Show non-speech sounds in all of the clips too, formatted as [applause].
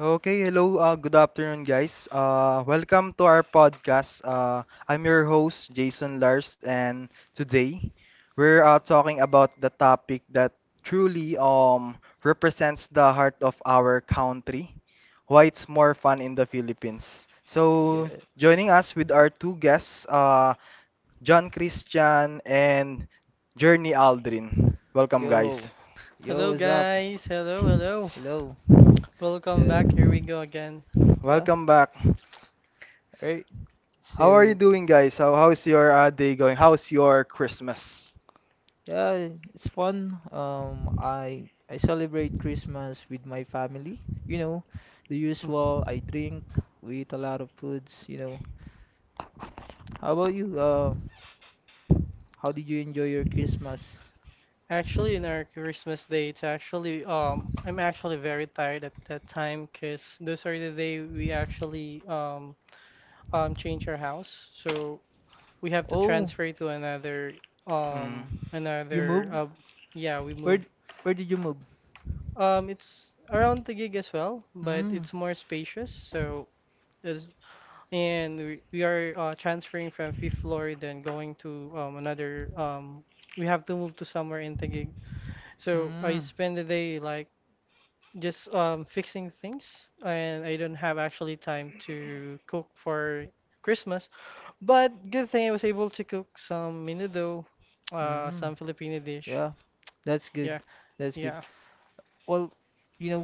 Okay, hello, good afternoon, guys. Welcome to our podcast. I'm your host, Jason Lars, and today we're talking about the topic that truly represents the heart of our country, why it's more fun in the Philippines. So, Yeah. joining us with our two guests, John Christian and Journey Aldrin. Welcome, guys. Yo, yo, Hello, what's up? guys. Hello, hello. Hello. Welcome back. So, Here we go again. yeah. Welcome back. Right. How are you So, doing, guys? How's your day going? How's your Christmas? yeah, it's fun. I celebrate Christmas with my family. You know, the Mm. usual. I drink. We eat a lot of foods. You know. How about you? How did you enjoy your Christmas? Actually, in our Christmas day, it's actually I'm actually very tired at that time because those are the day we actually change our house. So we have to Oh, transfer to another Mm. You another moved? Yeah, we Where move. d- Where did you move? It's around the gig as well, but Hmm. it's more spacious. So it's and we are transferring from fifth floor then going to another we have to move to somewhere in Taguig, so I Mm. spend the day like just fixing things, and I don't have actually time to cook for Christmas, but good thing I was able to cook some menudo, Mm. some Filipino dish. Yeah, that's good. Yeah, That's good. yeah. Well, you know,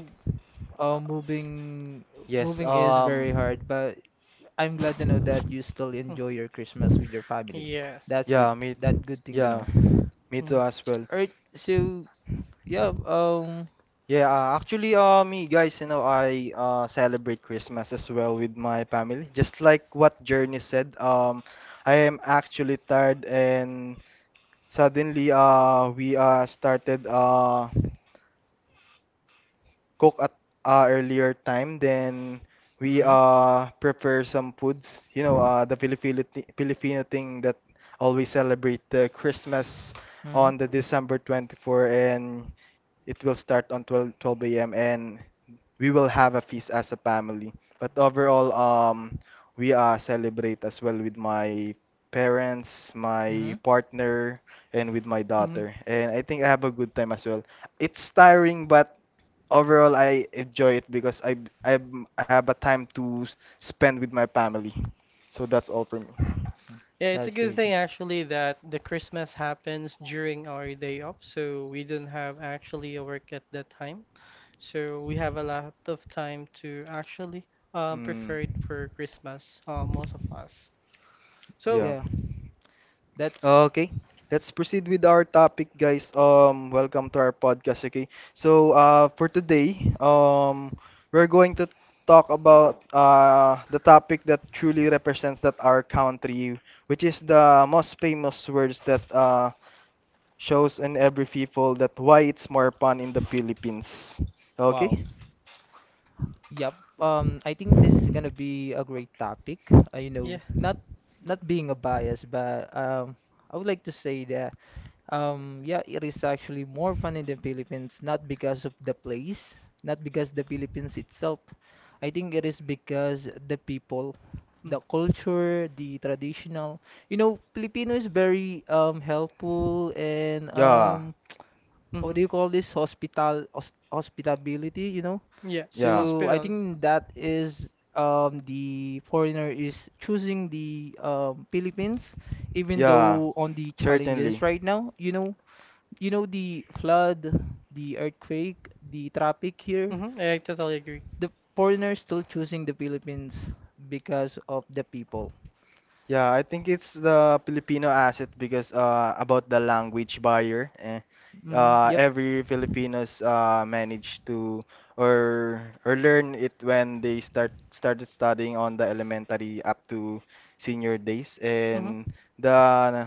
uh, moving Yes. moving is very hard, but I'm glad to know that you still Mm. enjoy your Christmas with your family. Yes. That's good. Yeah. Me. That good thing to Yeah. know. Me too Mm. as well. All right. Yeah. Um. Yeah. Me guys, you know, I celebrate Christmas as well with my family. Just like what Journey said. I am actually tired and suddenly we started cook at earlier time. Then we Mm-hmm. Prepare some foods. You know, the Filipino thing that always celebrate the Christmas Mm-hmm. on the December 24, and it will start on twelve twelve a.m. and we will have a feast as a family. But overall, we celebrate as well with my parents, my Mm-hmm. partner, and with my Mhm. daughter. And I think I have a good time as well. It's tiring, but overall, I enjoy it because I I have a time to spend with my family. So that's all for me. Yeah, it's a That's good great. thing actually that the Christmas happens during our day off, so we don't have actually a work at that time. So we have a lot of time to actually Mm. prepared for Christmas, most of us. Yeah. So, Yeah, that's Okay, let's proceed with our topic, guys. Welcome to our podcast. Okay, so for today, um, we're going to talk about the topic that truly represents that our country, which is the most famous words that shows in every people that why it's more fun in the Philippines. wow. Okay. Yep. I think this is gonna be a great topic. You yeah. know, not being a bias, but I would like to say that yeah, it is actually more fun in the Philippines, not because of the place, not because the Philippines itself. I think it is because the people, Mm. the culture, the traditional. You know, Filipino is very helpful and Yeah. What Hmm. do you call this? Hospitality, you know? Yeah, it's Yeah. So I hospital. think that is the foreigner is choosing the Philippines even Yeah, though on the challenges certainly. right now, you know, the flood, the earthquake, the traffic here, Hmm, I totally agree. the foreigners still choosing the Philippines because of the people. Yeah, I think it's the Filipino asset because about the language barrier. Mm, yep. Every Filipinos manage to or learn it when they started studying on the elementary up to senior days, Mhm. and the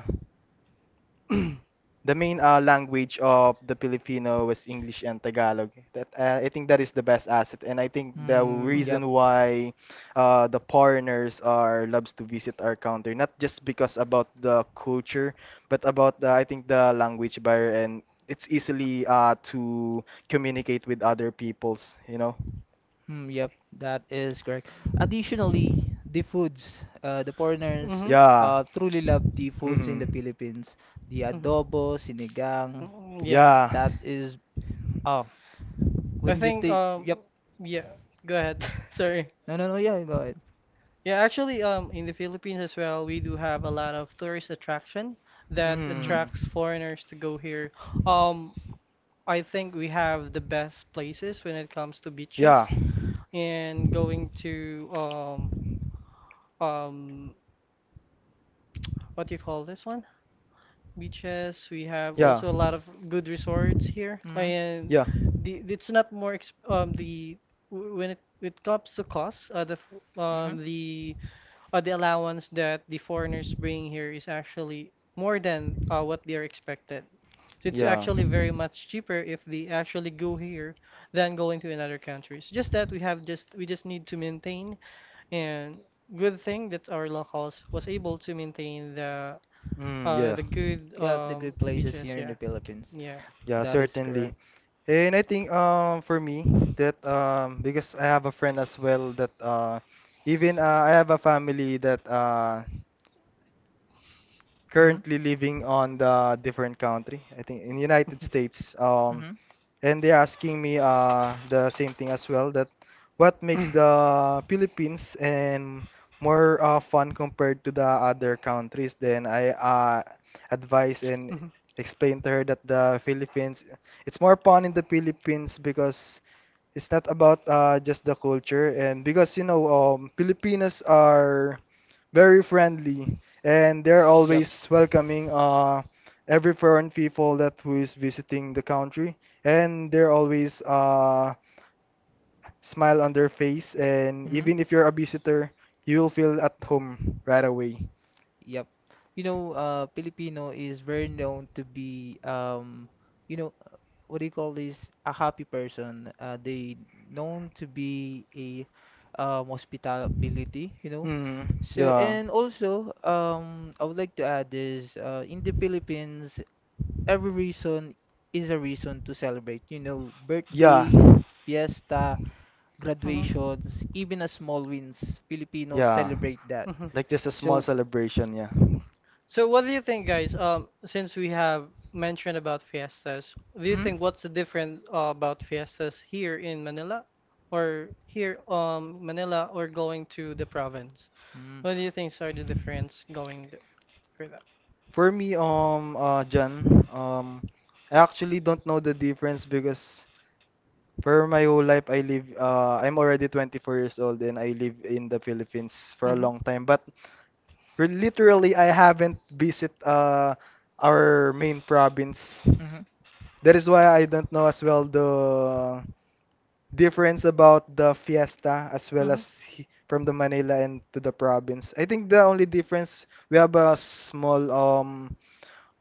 the main language of the Filipino was English and Tagalog. That I think that is the best asset, and I think the Mm, yep. reason why the foreigners are loves to visit our country, not just because about the culture, but about the, I think the language barrier, and it's easily to communicate with other peoples, you know. Hmm, yep, that is correct. Additionally, the foods, the foreigners Mhm. Yeah. Truly love the foods in the Mm-hmm. Philippines. The Mhm. adobo, sinigang, Mm, yeah. Yeah. that is, oh, I when you think take, yep, Yeah, go ahead. [laughs] Sorry. no, no, no, yeah, go ahead. Yeah, actually in the Philippines as well, we do have a lot of tourist attraction that Mm-hmm. Mm. attracts foreigners to go here. Um I think we have the best places when it comes to Yeah. beaches and going to um what do you call this one? Beaches. We have Yes. Yeah. also a lot of good resorts here. Mm-hmm. And Yeah. the it's not more exp the when it comes to cost, Mm-hmm. The allowance that the foreigners bring here is actually more than what they are expected. So it's Yep. Yeah. actually very much cheaper if they actually go here than going to another country. Countries. Just that we just need to maintain, and good thing that our locals was able to maintain the Mm, yeah. Good Yep, the good places beaches. here in Yeah, the okay. Philippines. Yeah. Yeah, That is certainly. correct. And I think for me that because I have a friend as well that even I have a family that Mm-hmm. currently living on the different country. I think in United States. Mm-hmm. And they're asking me the same thing as well that what makes the Philippines and more fun compared to the other countries, then I advise and Hmm. explain to her that the Philippines, it's more fun in the Philippines because it's not about just the culture and because you know Filipinos are very friendly and they're Yep. always welcoming every foreign people that who is visiting the country, and they're always smile on their face, and Mm-hmm. even if you're a visitor, you'll feel at home right away. Yep. You know, Filipino is very known to be, you know, what do you call this? A happy person. They known to be a hospitality, you know. Mm, So, yeah. and also, I would like to add is in the Philippines, every reason is a reason to celebrate. You know, Yeah. birthdays, fiesta, Hmm. graduations, even a small wins. Filipinos Yeah. celebrate that. Hmm. Like just a small So, celebration, yeah. So what do you think, guys? Since we have mentioned about fiestas, do you mm, think what's the different about fiestas here in Manila, or here Manila, or going to the province? mm, What do you think are the difference going there for that? For me, John, I actually don't know the difference because for my whole life I live, I'm already 24 years old and I live in the Philippines for a long time. But literally, I haven't visit our main province. mm-hmm, That is why I don't know as well the difference about the fiesta as well as from the Manila and to the province. I think the only difference, we have a small um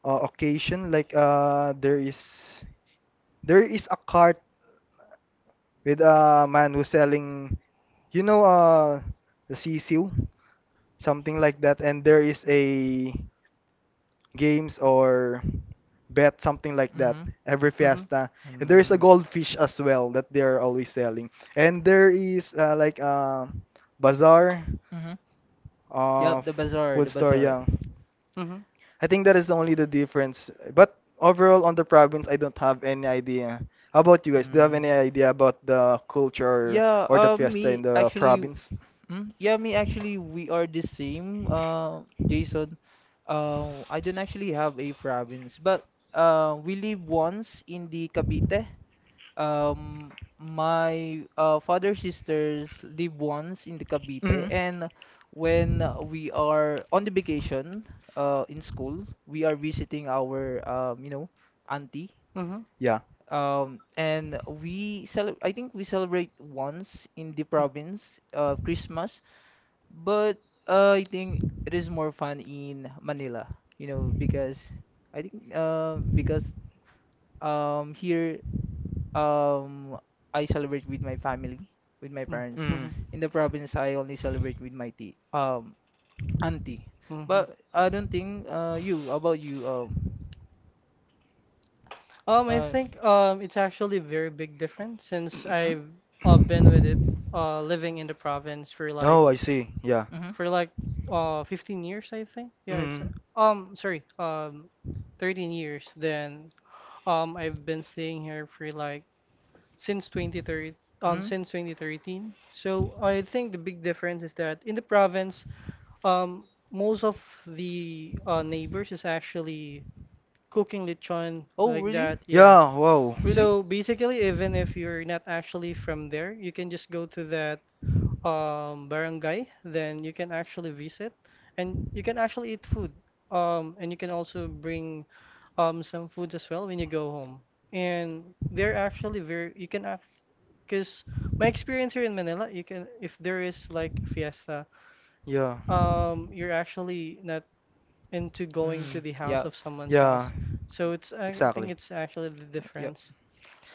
uh, occasion like there is, there is a cart with a man who's selling, you know, the sisiu, something like that, and there is a games or bet, something like that, mm-hmm, every Mhm. Mhm. fiesta, and there is a mm, goldfish as well that they are always selling, and there is like a bazaar mm-hmm. Yep, of food the store, bazaar. yeah. Mhm. I think that is only the difference, but overall on the province I don't have any idea. How about you guys? Do you have Mm. any idea about the culture Yeah, or the fiesta in me the actually province? Mm, yeah, me actually, we are the same, Jason. I don't actually have a province, but we live once in the Cavite. Um, my father's sisters live once in the Mhm. Cavite, and when we are on the vacation in school, we are visiting our you know, auntie. Mhm. Mhm. Yeah. And we cel I think we celebrate once in the province, Christmas. But I think it is more fun in Manila, you know, because I think because here Mm. um I celebrate with my family, with my parents. Mm-hmm. In the province, I only celebrate with my auntie. Hmm. But I don't think you about you I uh think it's actually a very big difference since mm-hmm, I've been with it, living in the province for like Oh, I see. Yeah. mm-hmm, for like 15 years, I think. Yeah, it's Mhm. Sorry, 13 years. Then I've been staying here for like since 2013, uh, mm-hmm. since 2013. So I think the big difference is that in the province, Um, most of the neighbors is actually cooking lechon Oh like really? that. Yes. Yeah, wow. Really? So basically, even if you're not actually from there, you can just go to that barangay. Then you can actually visit, and you can actually eat food. And you can also bring some food as well when you go home. And they're actually very you can because my experience here in Manila, you can if there is like fiesta, you're actually not into going to Mm, the Yeah. house yeah. of someone's Yeah, house. So it's I think exactly. it's actually the yep. difference.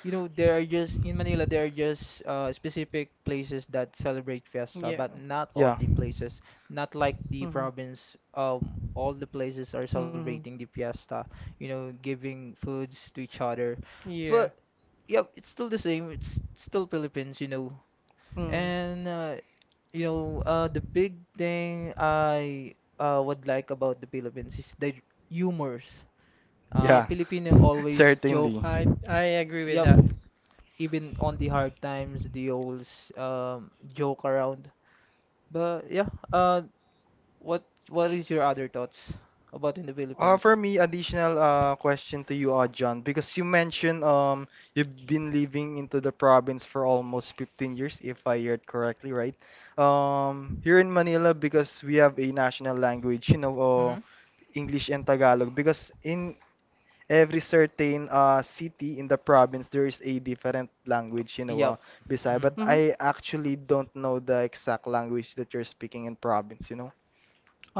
You know, there are just in Manila there are just specific places that celebrate fiesta, Yeah. but not all the places, not like the Mhm. province. All the places are Mhm. celebrating the fiesta. You know, giving foods to each Yeah. other. Yeah. But yep, it's still the same. It's still Philippines, you know. Mhm. And you know, the big thing I would like about the Philippines is the humors. Yeah. Yeah, Filipino always [laughs] joke. certainly. I agree with Yep, that. even on the hard times, joke around. But yeah, what what is your other thoughts about in the Philippines? For me, additional question to you, John, because you mentioned you've been living into the province for almost 15 years, if I heard correctly, right? Here in Manila, because we have a national language, you know, Mhm. English and Tagalog, because in every certain city in the province there is a different language, you know, Yep. Bisaya, but Mhm. I actually don't know the exact language that you're speaking in province, you know. Mhm.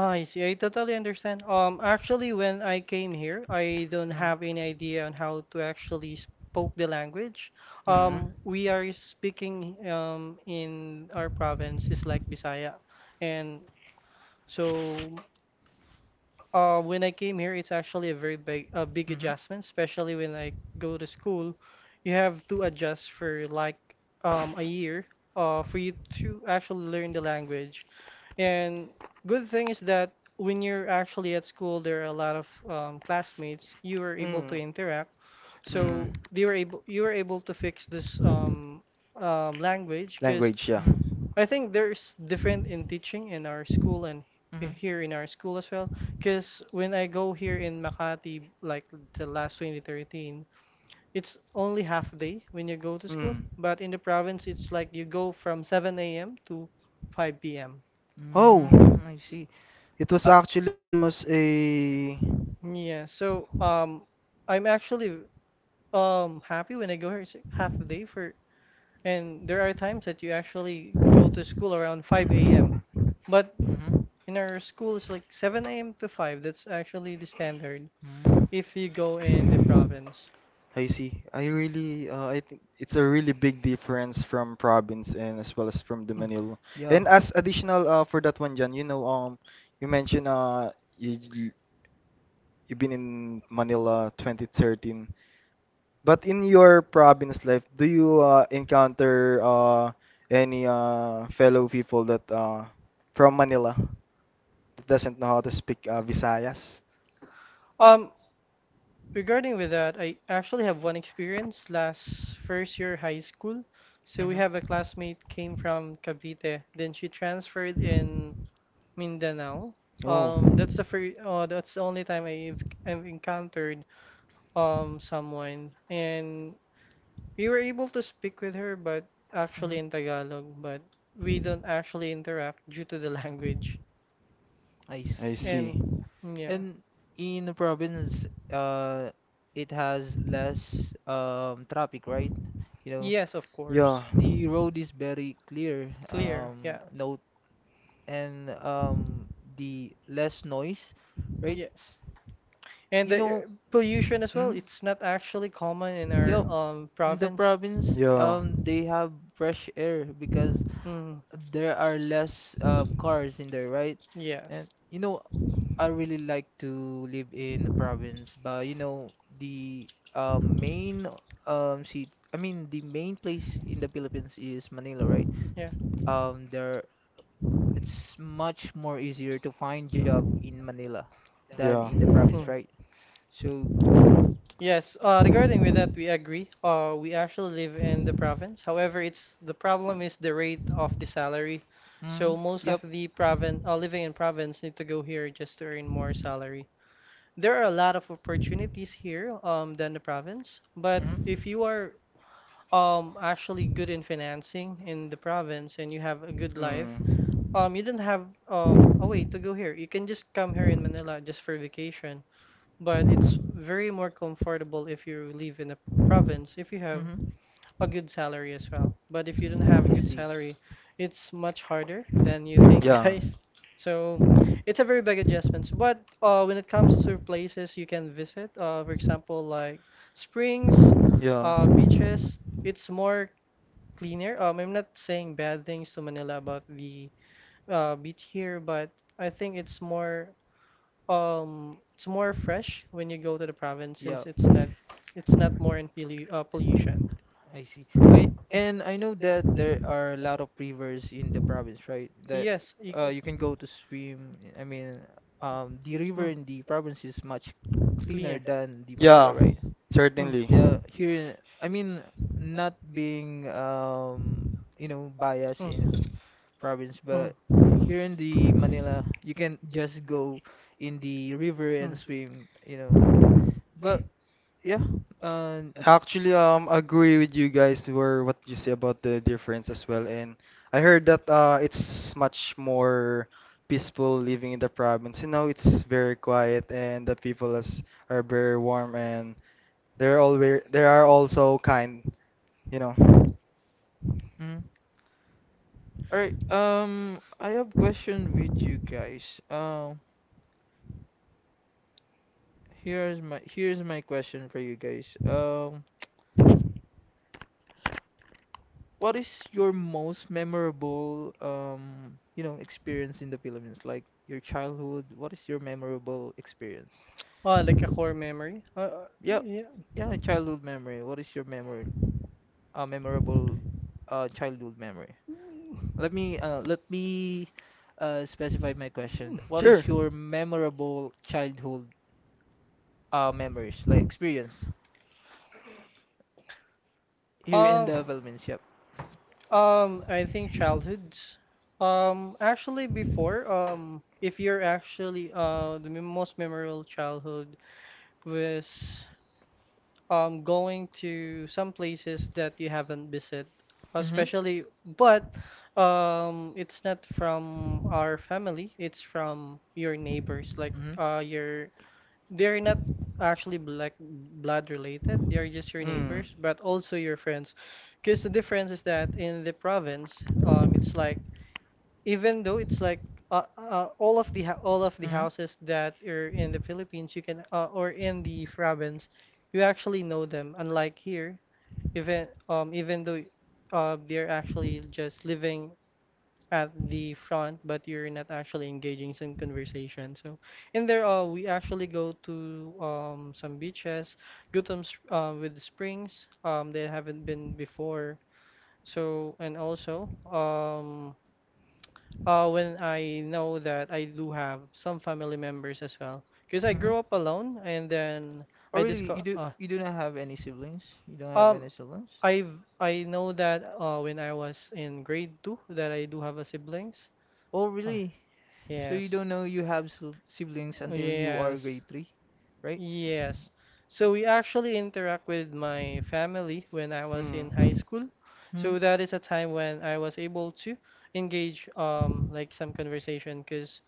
I see. I totally understand. Actually, when I came here, I don't Mhm. have any idea on how to actually spoke the language. Mm-hmm. We are speaking in our province is like Bisaya, and so when I came here, it's actually a big Mm-hmm. adjustment, especially when I go to school. You have to adjust for like a year for you to actually learn the language. And good thing is that when you're actually at school, there are a lot of classmates. You were able to Mm. interact, so Mm. they were able you were able to fix this language, because Language, yeah. Mm-hmm. I think there's different in teaching in our school and Mm-hmm. here in our school as well. Because when I go here in Makati, like the last 2013, it's only half day when you go to school. Mm. But in the province, it's like you go from 7 a.m. to 5 p.m. Oh. Mm, I see. It was Uh, actually almost a. Yeah, so I'm actually happy when I go here. It's like half a day for, and there are times that you actually go to school around 5 a.m. But mm-hmm. in our school, it's like 7 a.m. to 5. That's actually the standard Mm. if you go in the province. I see. I really, I think it's a really big difference from province and as well as from the Mm. Manila. Yeah. And as additional for that one, Jan, you know, you mentioned you you've been in Manila 2013, but in your province life, do you encounter any fellow people that from Manila that doesn't know how to speak Visayas? Um, Regarding with that, I actually have one experience last first year high school. So we Mm-hmm. have a classmate came from Cavite, then she transferred in Mindanao. Oh, That's the only time I've encountered someone, and we were able to speak with her, but Mm-hmm. actually in Tagalog, but we don't actually interact due to the [laughs] language. I I see. And see. yeah, And in the province, uh, it has less traffic, right? You know, yes, of Yeah, course, the yeah, road is very clear. clear, yeah. No, and the less noise, right? Yes. And You the know, pollution as well, mm, it's not actually common in our yep. In the province. province, yeah. They have fresh air because Mm, there are less cars in there, right? yes. And you know, I really like to live in the province, but you know, the main seat, I mean the main place in the Philippines is Manila, right? Yeah. There it's much more easier to find job in Manila than in the province, Mm. right? So, Yes, regarding with that, we agree. We actually live in the province. However, it's the problem is the rate of the salary. So mm, most of yep. the province, living in province, need to go here just to earn more salary. There are a lot of opportunities here, than the province. But Mm-hmm, if you are actually good in financing in the province and you have a good life, you don't have a way to go here. You can just come here in Manila just for vacation, but it's very more comfortable if you live in the province if you have mm-hmm. a good salary as well. But if you don't have a I good see. salary, it's much harder than you Mm. think, [laughs] guys. So it's a very big adjustment. So, but when it comes to places you can visit, for example, like springs, Yeah, beaches, yeah. it's more cleaner. I'm not saying bad things to Manila about the beach here, but I think it's more fresh when you go to the province since Yeah. It's not more in pollution. I see. I and I know that there are a lot of rivers in the province, right? That Yes, you can. you can go to swim. I mean, the river Mm, in the province is much cleaner cleaner. than the Manila, Yeah, right? Mm. certainly. Yeah, here, I mean, not being you know, biased Mm. in province, Mm. but here in the Manila, you can just go in the river and Mm. swim, you know. But yeah, uh, Actually, agree with you guys were what you say about the difference as well. And I heard that it's much more peaceful living in the province. You know, it's very quiet, and the people is, are very warm, and they are also kind. You know. mm, all right, I have question with you guys. Here's my question for you guys. What is your most memorable you know, experience in the Philippines? Like your childhood, what is your memorable experience? Oh, like a core memory? Yeah, Yeah. yeah, childhood memory. What is your memory, memorable childhood memory? Mm. Let me specify my question. What is your memorable childhood memories, like experience? Here in Um, the Philippines. Yep. I think childhoods. Actually, before, if you're actually, the most memorable childhood was, going to some places that you haven't visited, hmm especially, but, it's not from our family, it's from your neighbors, like, your they're not actually black blood related. They're just your neighbors, but also your friends. Because the difference is that in the province, it's like even though it's like all of the all of the hmm hmm houses that are in the Philippines, you can or in the province, you actually know them. Unlike here, even though they're actually just living at the front, but you're not actually engaging some conversation. So in there, we actually go to some beaches, go to with springs that haven't been before. So and also when I know that I do have some family members as well, because I hmm grew up alone and then Oh, I really? Discover. You do not have any siblings? You don't have Um, any siblings? I I know that when I was in grade two that I do have a siblings. Oh, Uh, really? So you yes. don't know you have siblings until you are Yes. grade three, right? Yes. So we actually interact with my family when I was in high Mm. school. So Hmm? that is a time when I was able to engage like some conversation, because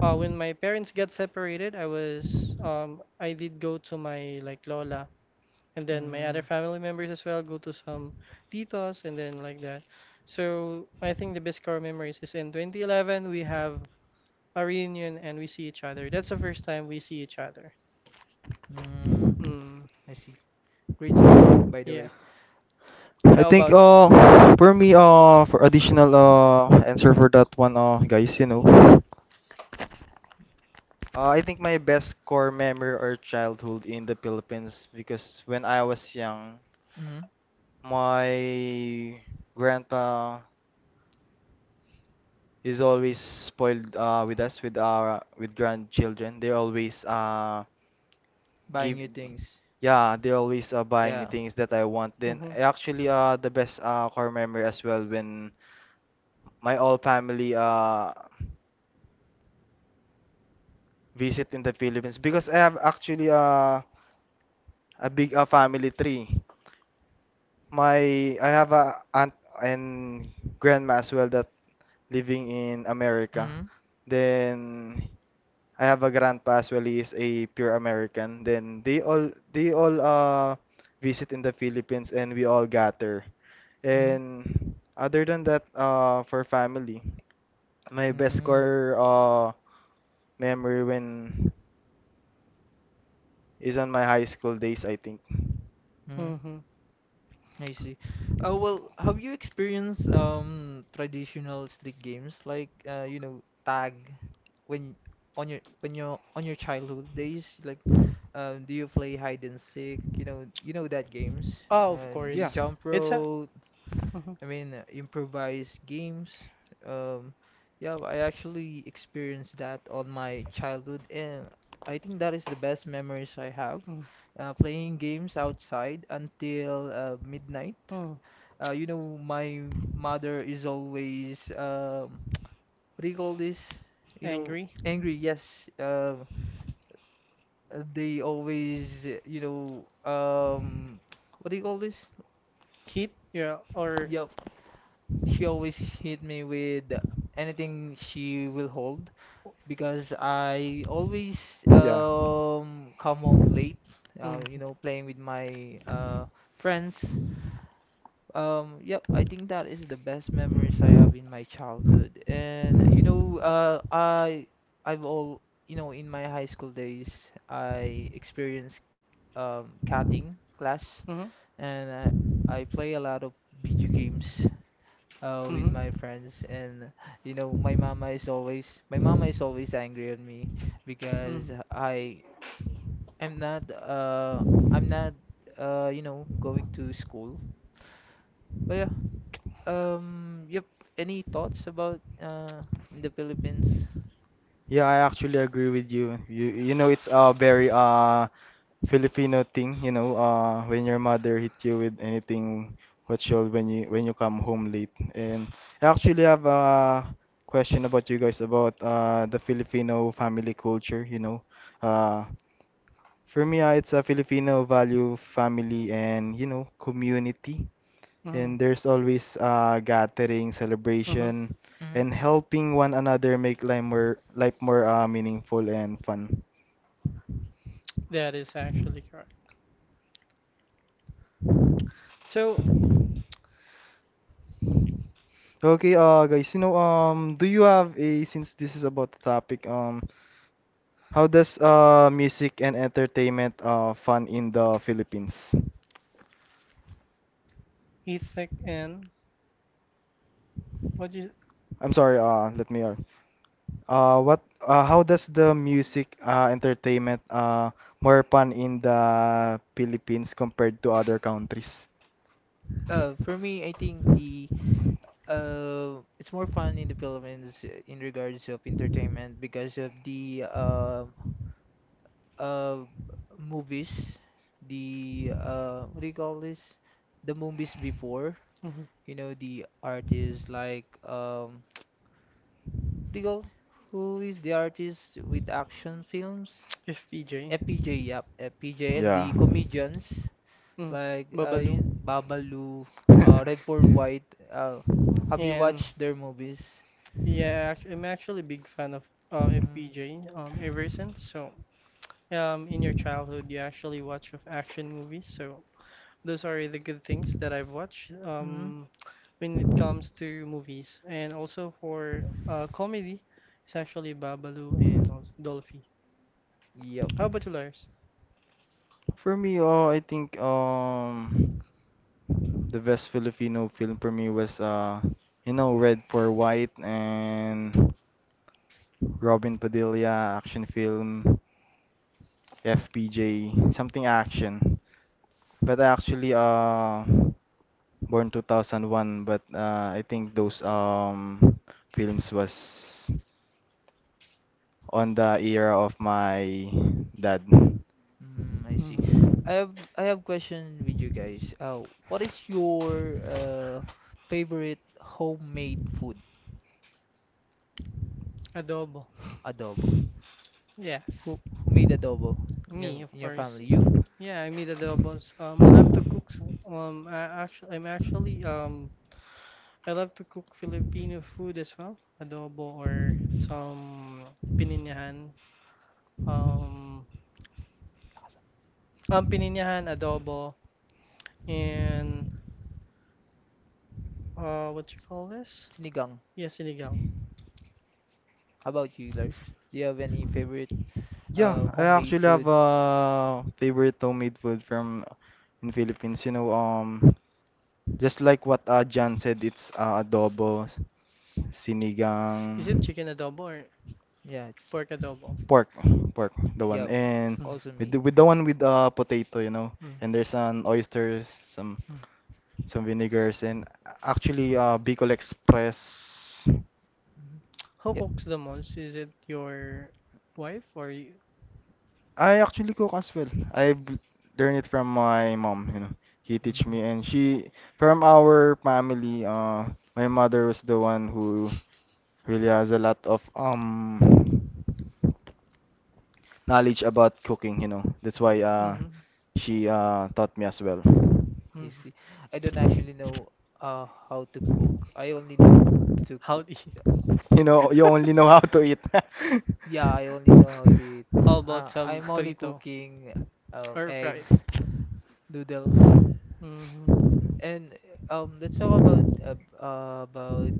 when my parents got separated, I did go to my like lola, and then my other Mm, family members as well go to some titos and then like that. So I think the best core memories is in 2011 we have a reunion and we see each other. That's the first time we see each other. mm, Mm. I see. Great story, by the Yeah. way. I How think about you? For me for additional answer for that one, guys, you know, I think my best core memory or childhood in the Philippines, because when I was young my grandpa is always spoiled with us, with our with grandchildren. They always Buying give, new things. yeah, they always buying me Yeah. things that I want. Then Hmm. I actually the best core memory as well, when my all family visit in the Philippines because I have actually a big family tree. My i have a aunt and grandma as well that living in America. Mm-hmm. Then I have a grandpa as well. He is a pure American. Then they all visit in the Philippines and we all gather. Mm-hmm. And other than that, for family, my best Mm. core memory when is on my high school days, I think. Mm, Hmm. I see. Well, have you experienced traditional street games like you know tag when on your when your on your childhood days like do you play hide and seek you know that games, Oh, of the Yeah. course. jump It's a. rope? Mhm. I mean, improvised games. Um, yeah, I actually experienced that on my childhood, and I think that is the best memories I have. Mm. Playing games outside until midnight. Mm. You know, my mother is always what do you call this? You know, Angry? angry. Yes. Um, they always, you know, [tsk] what do you call this? Heat? Yeah, or. Yeah, she always hit me with anything she will hold because I always come home late, Mm-hmm. you know, playing with my friends. Yep, I think that is the best memories I have in my childhood. And you know, I I've all you know in my high school days I experienced cutting class Mm-hmm. and I play a lot of video games with Mm-hmm. my friends, and you know, my mama is always angry at me Mm-hmm. Mm-hmm. because am not uh I'm not you know going to school. But yeah, yep. Any thoughts about in the Philippines? Yeah, I actually agree with you. You know, it's a very Filipino thing, you know, when your mother hit you with anything what you'll when you come home late. And I actually have a question about you guys about the Filipino family culture, you know. Uh for me, it's a Filipino value family and, you know, community. Mm-hmm. And there's always a gathering, Mm-hmm. celebration, Hmm. and helping one another make life more meaningful and fun. That is actually correct. So, Okay, guys, you know, do you have a, since this is about the topic, how does music and entertainment fun in the Philippines? Ethic and what do you I'm sorry, let me what how does the music entertainment more fun in the Philippines compared to other countries? For me, I think the it's more fun in the Philippines in regards of entertainment because of the uh movies, the what do you call this? The movies before, mhm, you know, the artists like what do you call who is the artist with action films? FPJ? FPJ, yep, FPJ and Yeah. the comedians Mm, like Babalu. yun, Babalu, Red Paul [laughs] White. Uh, have you And watched their movies? yeah, I'm actually a big fan of Mm. FPJ ever since. So, in your childhood, you actually watch of action movies, so those are the good things that I've watched Mm. When it comes to movies. And also for comedy, it's actually Babalu and also Dolphy. Yep. How about you, Lars? For me, oh, I think the best Filipino film for me was you know Red for White and Robin Padilla action film, FPJ, something action. But I actually born 2001, but I think those films was on the era of my dad. Mm, I see. Hmm. I have question with you guys. What is your favorite homemade food, Adobo. adobo? Yes, Who made adobo in me, your of course. family? You? Yeah, I made adobos. I love to cook. I actually, I'm actually, I love to cook Filipino food as well. Adobo or some pininyahan. Um, pininyahan, adobo, and what you call this? Sinigang. Yeah, sinigang. How about you, Lars? Do you have any favorite Yeah, I homemade actually have food? a favorite homemade food from in Philippines. You know, just like what John said, it's adobo, sinigang, Is it chicken adobo or Yeah. ch- pork adobo? pork, pork, the one, Yeah. and Mm. Also with me. with the one with Mm. potato, you know, and there's an oysters, Mm. some vinegars, and actually Bicol Express. Mhm. Who cooks the most? Is it your wife or you? I actually cook as well. I've learned it from my mom, you know. He teach Mm. me and she, from our family, my mother was the one who really has a lot of knowledge about cooking, you know. That's Mm. why Mhm. she taught me as well. [laughs] I Mm. see. I don't actually know how to cook. I only know to How cook. to You know, you only know how to eat? eat. [laughs] [laughs] Yeah, I only know how to eat. How about some I'm only burrito cooking or fried? eggs, noodles, Hmm. and. Let's talk about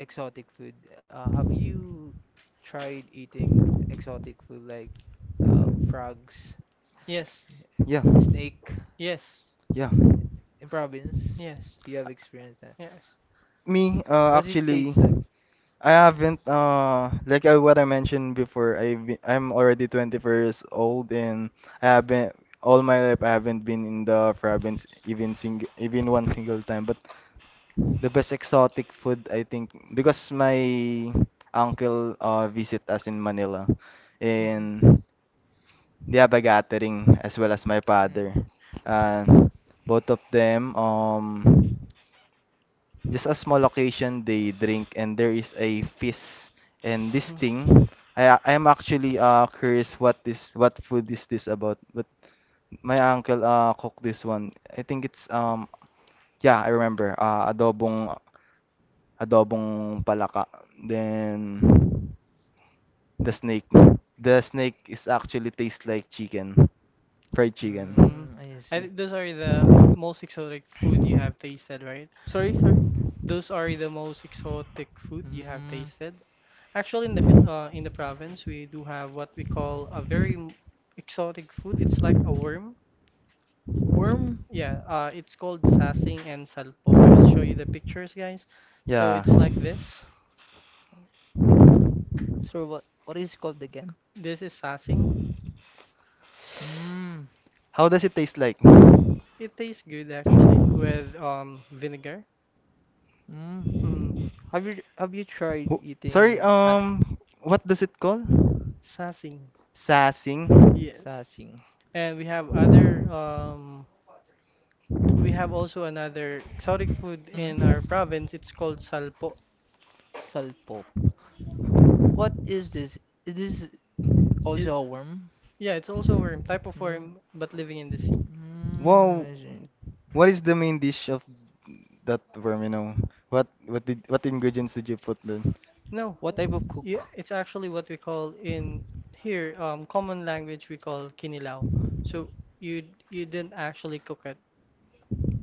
exotic food. Have you tried eating exotic food like frogs, Yes, Yeah. snake yes, Yeah. in province? yes, You have experienced that. yes. Me, What's it actually taste like? I haven't I, what I mentioned before, I'm already 24 years old and I haven't, all my life I haven't been in the province even sing even one single time, but the best exotic food, I think, because my uncle visit us in Manila Mhm. and they have a gathering as well as my Mhm. father, uh both of them, just a small occasion. They drink and there is a feast. And this thing, I am actually curious what this what food is this about. But my uncle cooked this one. I think it's yeah, I remember. Adobong adobong palaka. Then the snake. The snake is actually tastes like chicken, fried chicken. Mm. Mm, I I see. think those are the most exotic food you have tasted, right? Sorry, sorry. Those are the most exotic food you have Mm, tasted. Actually, in the Phil- in the province, we do have what we call a very m- exotic food. It's like a worm. worm? Yeah, it's called sasing and salpo. I will show you the pictures, guys. So Yeah. it's like this. So what is it called again? This is sasing. Mm, How does it taste like? It tastes good actually with vinegar. mm. Mm, Have you tried Wh- Sorry, eating at um, what does it call? sasing. Sassing. Yes. sasing? And we have other we have also another exotic food Mm? in our province. It's called salpo. Salpo. What is this? Is this also It's, a worm? yeah, it's also worm, type of Mm, worm, but living in the sea. mm, Wow, I see. what is the main dish of that worm? You know, what ingredients did you put then? No. What type of Yeah, cook? it's actually what we call in here, common language we call kinilaw. So you didn't actually cook it.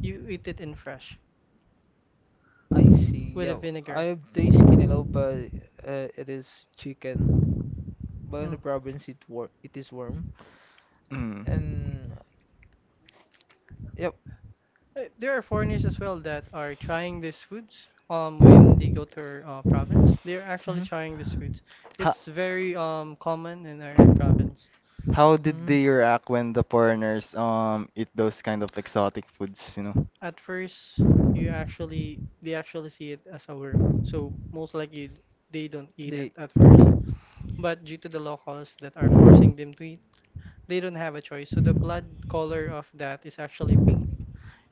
You eat it in fresh I see. with a Yeah, vinegar. I have tasted you know, but it is chicken. But in Mm. the province, it is worm. Mm. [clears throat] And yep. There are foreigners as well that are trying these foods. When they go to our province, they're actually Hmm trying these foods. How, It's very common in our province. how did hmm. they react when the foreigners eat those kind of exotic foods, you know? At first, you actually they actually see it as a worm, so most likely they don't eat it They. at first. But due to the locals that are forcing them to eat, they don't have a choice. So the blood color of that is actually pink,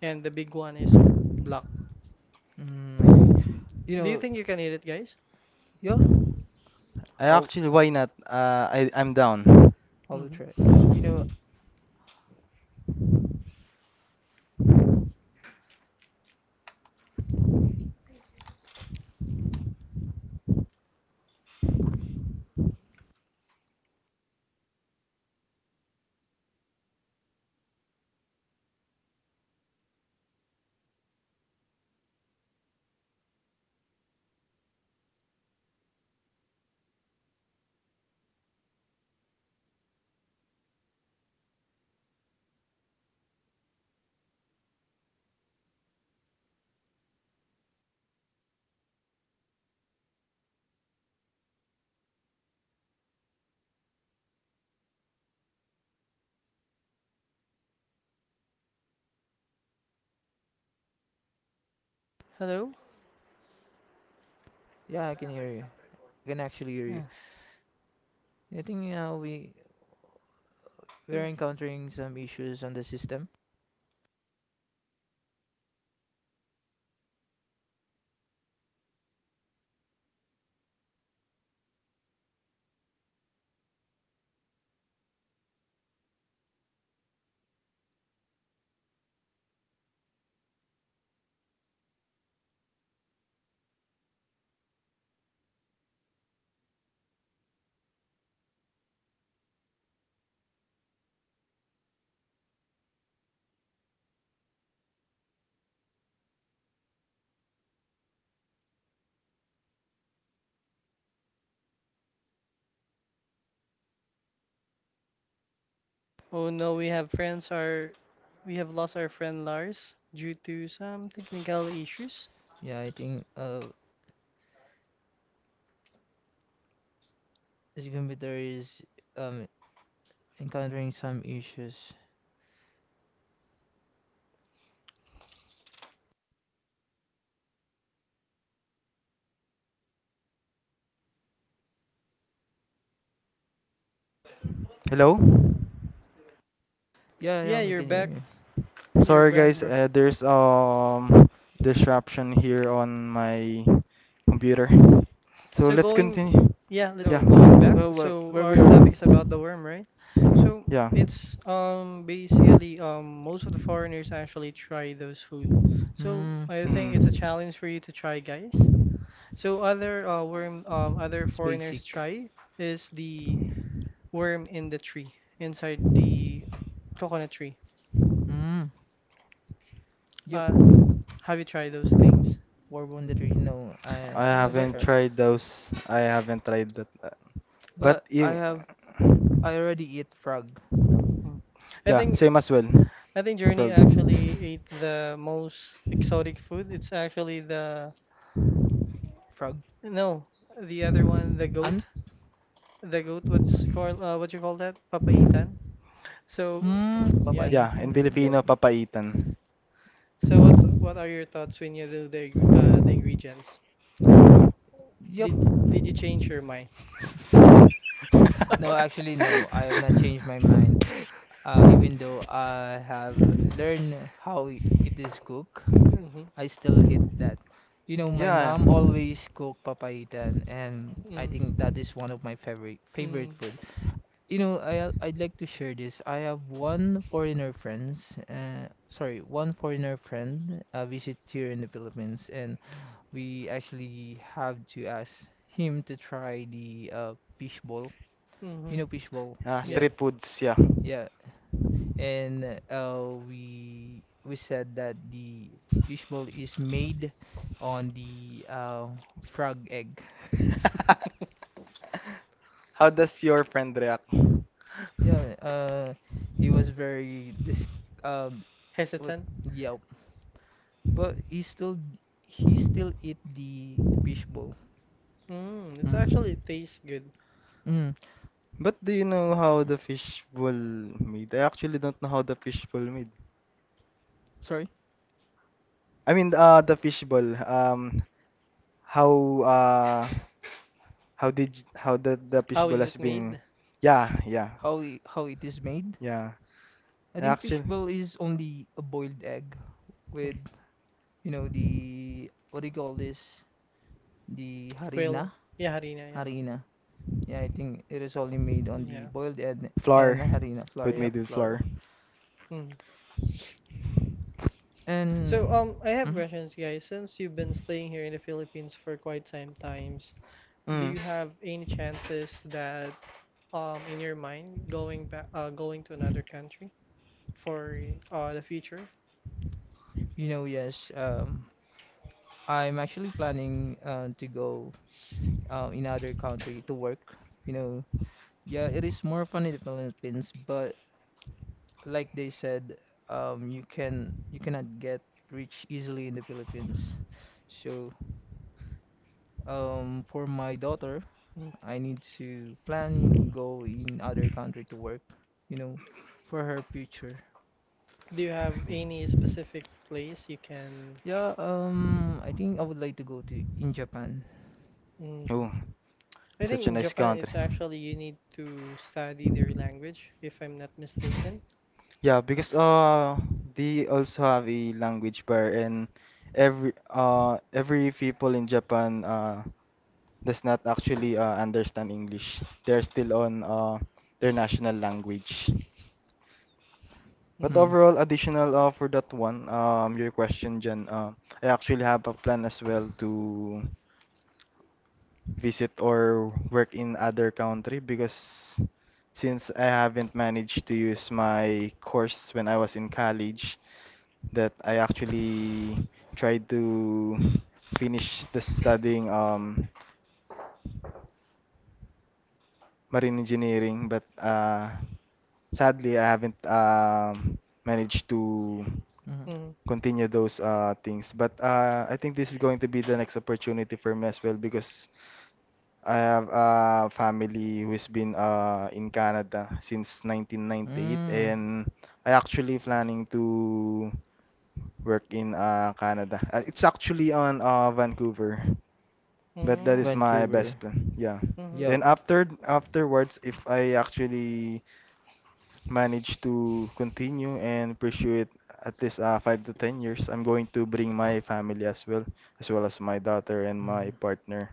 and the big one is black. Mm, I see. You Do you know, think you can eat it, guys? yeah. I'll I'll Mm-hmm. try. You know, Hello? yeah. I can hear you. I can actually hear you. Yeah. I think yeah, we. Yeah. We're encountering some issues on the system. Oh no, we have lost our friend Lars due to some technical issues. Yeah, I think this computer is um encountering some issues. Hello. Yeah, yeah, Yeah, we you're can hear back. you. You're Sorry back, guys, bro. There's disruption here on my computer. So So let's going, continue. yeah, let's Yeah. So, going back. uh, where So where we our are we? topic is about the worm, right? So Yeah. it's basically most of the foreigners actually try those food. So Hmm, I think it's Mhm. a challenge for you to try, guys. So other worm other it's foreigners basic. try is the worm in the tree inside the coconut tree. Hmm. Yep, Uh, have you tried those things? War Wounded Three. No, I'm I not haven't But sure. tried those. I haven't tried that. But But I if have I already eat frog. mm. I Yeah, think same as well. I think Journey Frog. actually ate the most exotic food. It's actually the Frog. no, the other one, the Ant. goat, the goat. What's called? What you call that? Papaitan. So Hmm. yeah. Yeah, in Papaitan. Yep. Filipino, papaitan. So what's what are your thoughts when you do the ing- the ingredients? Yep. Did did you change your mind? [laughs] No, actually [laughs] no. I have not changed my mind. [laughs] Even though I have learned it is cooked, Mhm. I still eat that. You know, Mm. my Yeah. mom always cook papaitan, and I Mm. think that is one of my favorite Mm. food. You know, I'd like to share this. I have one foreigner friends, one foreigner friend visit here in the Philippines, and we actually have to ask him to try the fishball. You Mhm. know, fishball. Ah, Yeah. Yep. street foods, yeah. Yeah, and we said that the fish is made on the frog egg. [laughs] [laughs] How does your friend react? Yeah, he was very dis um what Hesitant. yeah, but he still eat the fish bowl. Mm, it's Mm. actually it tastes good. Mm. But do you know how the fishbowl made? I actually don't know how the fishbowl made. Sorry, I mean, the fishbowl. How uh, how the How fishbowl is has it been? made? Yeah, yeah, how it is made? yeah. I think fish Actually, is only a boiled egg Mm. with you know the what do you call this? The Quail. harina, Yeah, harina, yeah. harina. Yeah, I think it is only made on the Yeah. boiled egg and flour. harina flour. Who'd Yeah. Yep, made with flour? flour. Hmm. And So I have mhm. questions, guys. Since you've been staying here in the Philippines for quite some times, do Mm. you have any chances that in your mind going back going to another country for the future? You know, yes. I'm actually planning to go in other country to work. You know, yeah, it is more fun in the Philippines, but like they said, you cannot get rich easily in the Philippines. So, for my daughter, Mm. I need to plan go in other country to work, you know, for her future. Do you have Yeah. any specific place you can? Yeah, I think I would like to go to in Japan. Mhm. Oh, I think such a in nice Japan, country. it's actually you need to study their language, if I'm not mistaken. Yeah, because they also have a language bar, and every people in Japan does not actually understand English. They're still on their national language. But Hmm. overall, additional for that one, your question, Jen. I actually have a plan as well to visit or work in other country because since I haven't managed to use my course when I was in college, that I actually tried to finish the studying, marine engineering, but sadly I haven't, managed to Mm-hmm. Hmm. Um. continue those things. But I think this is going to be the next opportunity for me as well because I have a family who's been in Canada since 1998, Mm. and I actually planning to work in Canada. It's actually on Vancouver, but that is my Vancouver. best plan. Yeah. Yeah, Yep. Then afterwards, if I actually manage to continue and pursue it at least 5 to 10 years, I'm going to bring my family as well, as well as my daughter and my Mm. partner.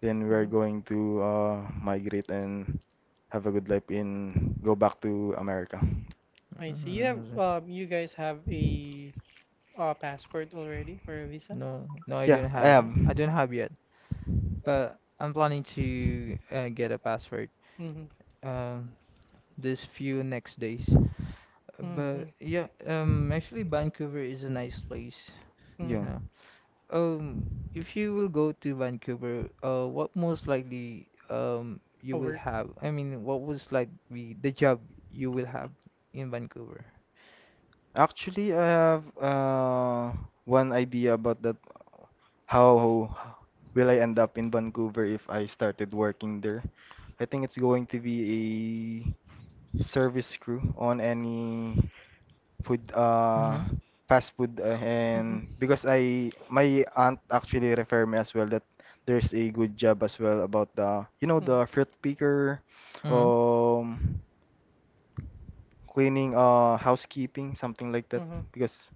Then we're going to migrate and have a good life in go back to America. I see. You have Mm. You guys have a passport already or a visa? No, no, I Yeah, don't I have. have. I don't have yet, but I'm planning to get a password Mm-hmm. um this few next days. But yeah, actually Vancouver is a nice place. Mm. Yeah. Yeah. Um, if you will go You to Vancouver, what most likely you will have? I mean, what was like the job you will have in Vancouver? Actually, I have one idea about that. How will I end up in Vancouver if I started working there? I think it's going to be a service crew on any food, Mm-hmm. fast food, and because [laughs] I my aunt actually referred me as well that there's a good job as well about the, you know, the fruit picker, Mm-hmm. um, cleaning, housekeeping, something like that that. because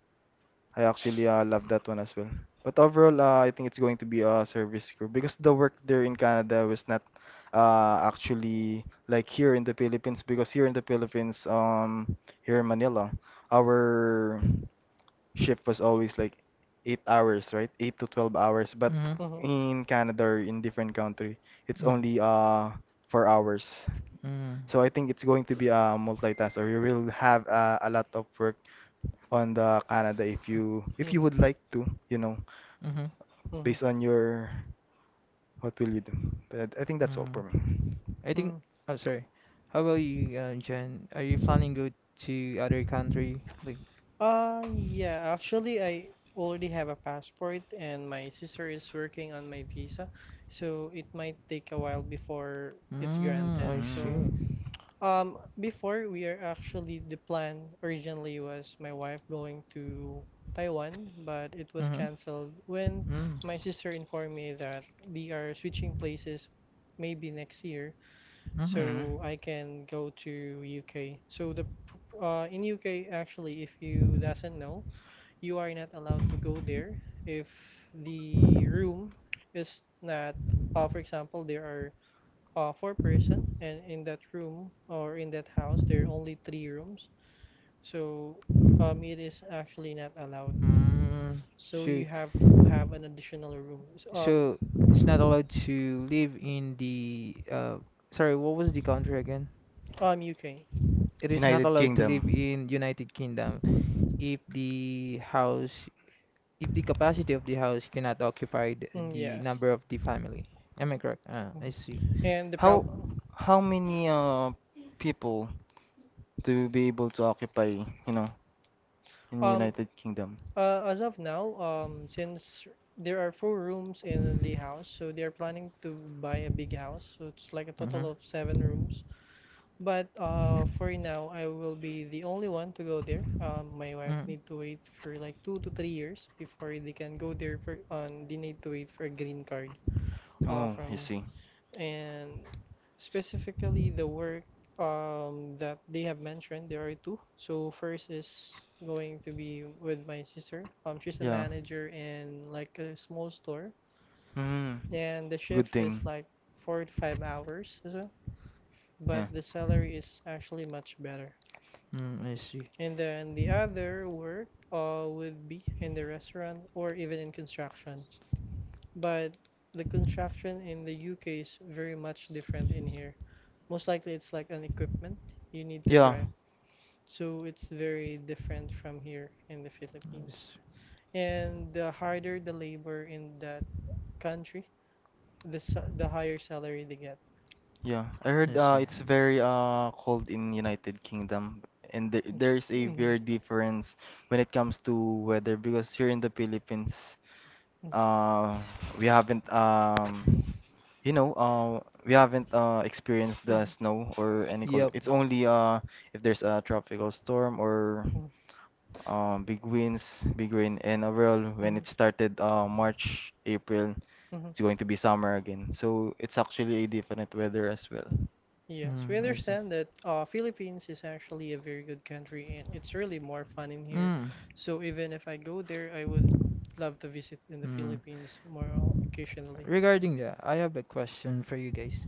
I actually love that one as well. But overall, I think it's going to be a service crew because the work there in Canada was not actually like here in the Philippines because here in the Philippines, here in Manila, our shift was always like 8 hours, right? Eight to 12 hours. But Mm-hmm. Mhm. in Canada or in different country, it's Mm. only 4 hours. Um, mm. So I think it's going to be a multitask, or you will have a lot of work on the Canada if you would like to, you know, Mm-hmm. based on your what will you do. But I think that's all for me. I think Mm. I think. Oh, sorry. How about Mm. you, Jen? Are you Mm. planning go to other country? Like, Yeah, actually, I already have a passport, and my sister is working on my visa, so it might take a while before it's mm, I granted. So, see. Mm before we are actually the plan originally was my wife going to Taiwan, but it was Mm-hmm. canceled when Mm. my sister informed me that they are switching places maybe next year. Mm-hmm. hmm So I can go to UK. So the pr- in UK actually, if you doesn't know, you are not allowed to go there if the room is not. For example, there are four person, and in that room or in that house, there are only three rooms. So it is actually not allowed. Mm, So you so, have to have an additional room. S- so it's not allowed to live in the what was the country again? UK. It is not United allowed to live Kingdom. in United Kingdom if if the capacity of the house cannot occupy Mm, the yes. number of the family. Am I correct? Ah, I Mhm. see. And the How problem. how many people to be able to occupy, you know, in Um, United Kingdom. As of now, since there are four rooms in the house, so they are planning to buy a big house. So it's like a Mm-hmm. total of seven rooms. But for now, I will be the only one to go there. My wife Mm-hmm. need to wait for like 2 to 3 years before they can go there for, they need to wait for a green card Oh, I from see. and specifically, the work that they have mentioned, there are two. So first is going to be with my sister. She's a Yeah. manager in like a small store, Mm. and the Good shift is thing. like 4 to 5 hours. So, Yeah. but the salary is actually much better. Mm, I see. And then the other work would be in the restaurant or even in construction. But the construction in the UK is very much different in here. Most likely it's like an equipment you need to Yeah. drive. So it's very different from here in the I Philippines. And the harder the labor in that country, the higher salary they get. see. Yeah. I I heard see. it's very cold in United Kingdom, and there's Mm. a Mhm. very difference when it comes to weather because here in the Philippines Mm. uh we haven't um You know, uh, we haven't experienced the Mhm. snow or any cold. Yep. It's only if there's a tropical storm or big winds, big rain, and overall, when Mhm. it started March, April, Mhm. it's going to be summer again. So it's actually a different weather as well. Yes, we Mm, I see. understand that Philippines is actually a very good country and it's really more fun in here. Mm, So even if I go there, I would love to visit in the mm. Philippines more o- occasionally. Regarding that, I have a question for you guys.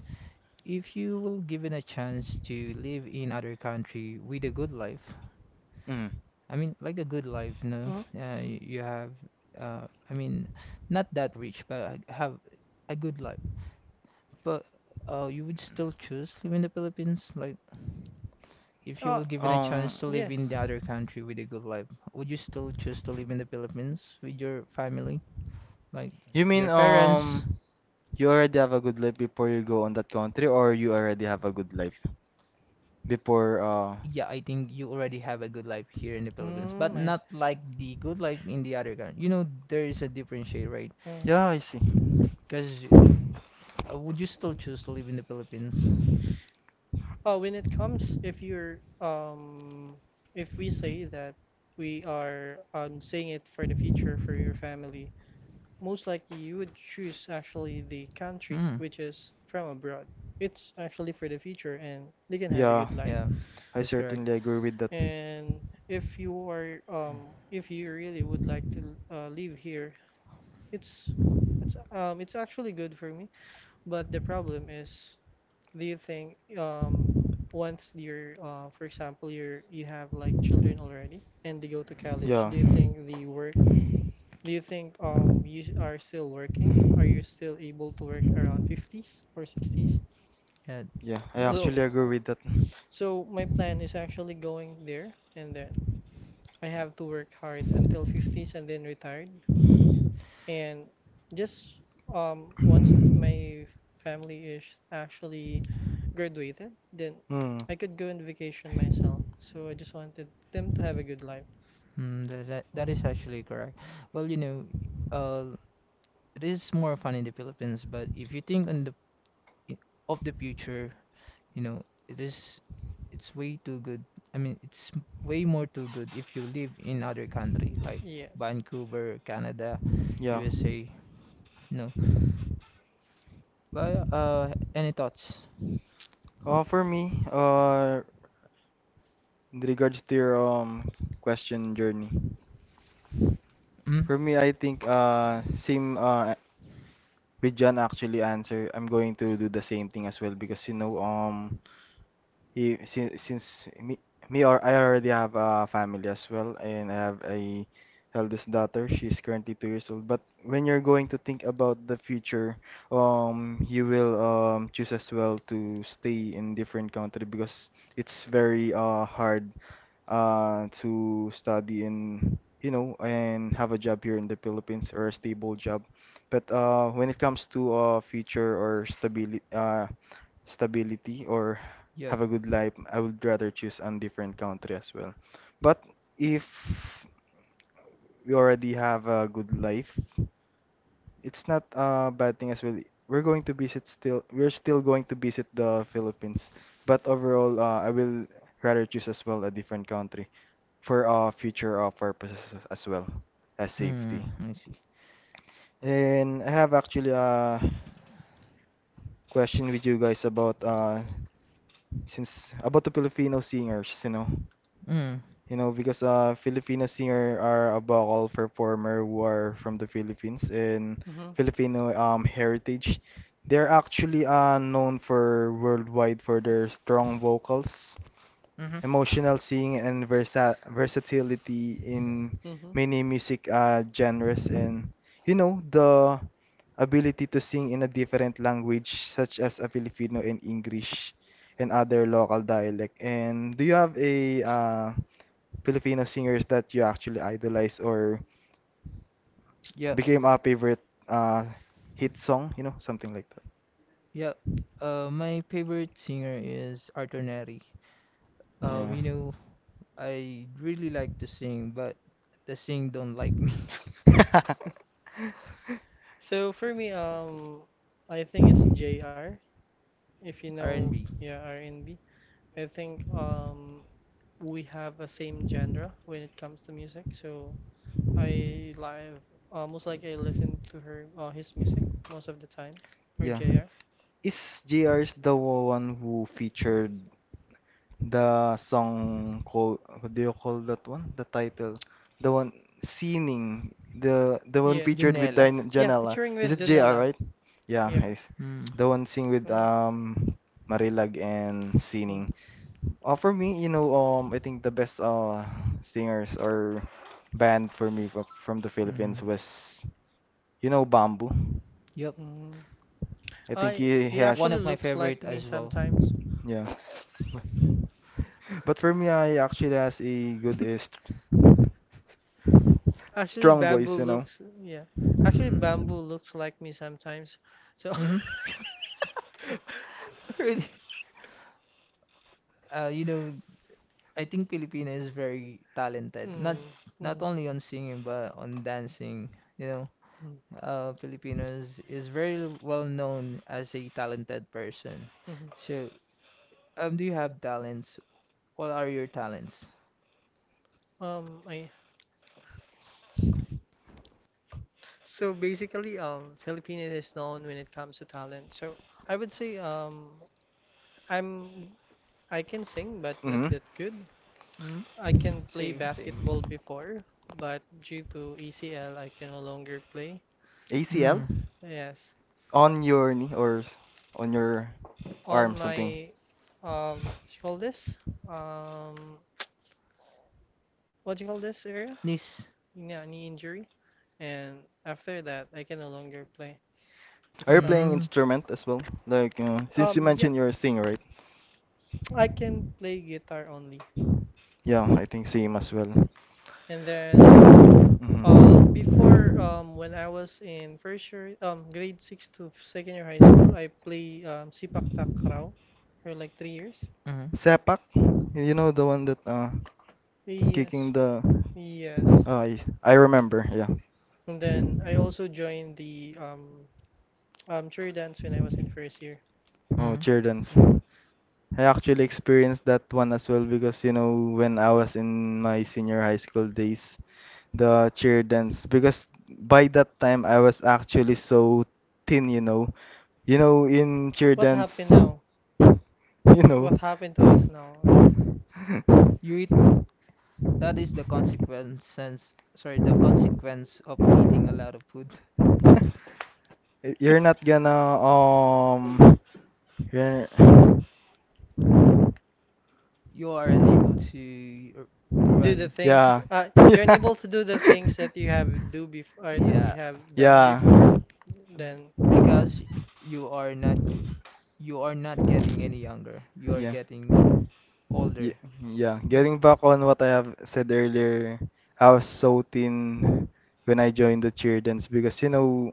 If you will given a chance to live in other country with a good life, Mm. I mean, like a good life, you know. Mhm. You have, I mean, not that rich, but I have a good life. But you would still choose live in the Philippines? Like, if you Oh, were given a chance Um, to live in yes. the other country with a good life, would you still choose to live in the Philippines with your family, like You mean your parents? You already have a good life before you go on that country, or you already have a good life before Yeah, I think you already have a good life here in the Philippines, but Hmm, I see. not like the good life in the other country. You know, there is a differentiate, right? Hmm. yeah, I see. Because would you still choose to live in the Philippines? When it comes, if you're, if we say that we are saying it for the future for your family, most likely you would choose actually the country Mm. which is from abroad. It's actually for the future and they can have a Yeah, good life. Yeah, I that's correct. certainly agree with that. And if you are, if you really would like to live here. It's it's it's actually good for me, but the problem is, do you think once you're for example you have like children already and they go to college, Yeah. do you think the work do you think you s- are still working? Are you still able to work around 50s or 60s? Yeah, Yeah, I So that actually agree with that. so my plan is actually going there and then I have to work hard until 50s and then retired. And just once my family is actually graduated, then Hmm. I could go on vacation myself. So I just wanted them to have a good life. mm, that Mm. is actually correct. Well, you know, uh, it is more fun in the Philippines, but if you think on the of the future, you know, it's way too good. I mean, it's way more too good if you live in other country like Yes. Vancouver, Canada, Yeah. USA. You know, well, yeah, any thoughts? For me, in regards to your question, journey, Mm? for me, I think same with John actually answer. I'm going to do the same thing as well because you know since me, me or I already have a family as well, and I have a eldest daughter. She's currently 2 years old. But when you're going to think about the future, you will choose as well to stay in different country because it's very hard to study, and you know, and have a job here in the Philippines or a stable job. But when it comes to future or stability, stability or Yep. have a good life, I would rather choose a different country as well. But if we already have a good life, it's not a bad thing as well. We're still going to visit the Philippines. But overall, I will rather choose as well a different country for future purposes as well as Hmm. safety. I see. And I have actually a question with you guys about since about the Filipino singers, you know. Hmm. You know, because Filipino singer are a vocal performer who are from the Philippines and Mm-hmm. Filipino, heritage. They're actually known for worldwide for their strong vocals, Mm-hmm. emotional singing, and versatility in Mm-hmm. many music genres. And you know, the ability to sing in a different language, such as a Filipino and English and other local dialect. And do you have a Filipino singers that you actually idolize or Yep. became a favorite uh, hit song, you know, something like that. Yep. My favorite singer is Arthur Neri. Yeah. Mm. You know, I really like to sing, but the sing don't like [laughs] me. [laughs] So for me, I think it's J R. If you know, R&B. yeah, R and B. I think we have the same genre when it comes to music. So I live almost like I listen to her his music most of the time or Yeah. JR. Is JR's the one who featured the song called, what do you call that one? The title. The one, Sining. The one Yes. featured with Junella. Din Yeah, Janela. featuring Is with it JR, Donella. right? Yeah, Yeah. yes. Mm. The one sing with Mm. Marilag and Mm. Sining. For me, you know, I think the best singers or band for me from the Philippines Mm. was, you know, Bamboo. Yep. Mm. I think I he he he One has, actually of my looks favorite like me as well. sometimes. yeah. But for me, I actually has a good, st Actually, strong bamboo voice, you know. looks yeah. Actually, Mm. bamboo looks like me sometimes. So Mm-hmm. [laughs] [laughs] Really? You know, I think Filipina is very talented. mm, Not mm, only on singing but on dancing. You know, mm, Filipinos is very well known as a talented person. mhm. So, do you have talents? What are your talents? I so basically, Filipinas is known when it comes to talent. So I would say, I'm I can sing, but not Hmm. that good. Hmm? I can play Same, same. basketball before, but due to ECL, I can no longer play. ACL Hmm. Yes, on your knee or on your on arm, something. my what you call this? Um, what you call this area? This. Yeah, knee injury, and after that, I can no longer play. Are It's you like, playing Hmm. instrument as well? Like since you yeah, mentioned you're a singer, right? right? I can play guitar only. So Yeah, I think same mm. as well. And then, Hmm. before, when I was in first year, grade 6 to second year high school, I play Sipak Takraw for like 3 years. Mm. Sepak, you know the one that, Yes, kicking the. in the yes. I remember. Yeah. And then I also joined the cheer dance when I was in first year. Oh, Hmm. cheer dance. In mm. I actually experienced that one as well because you know when I was in my senior high school days, the cheer dance because by that time I was actually so thin, you know. You know in cheer What happened dance, [laughs] now? you W- What know. happened to us now, right? You eat, [laughs] that is the the consequence of eating a lot of food. [laughs] You're not gonna um you're You are unable to r- to do the run. things yeah. You're [laughs] [laughs] unable to do the things that you Yeah, have done Yeah. before Yeah. then. because you are not go- you are not getting any younger. You are Yeah. getting Mm, older. Ye- Yeah. Getting mm, back on what I have said earlier, I was so thin when I joined the cheer dance because you know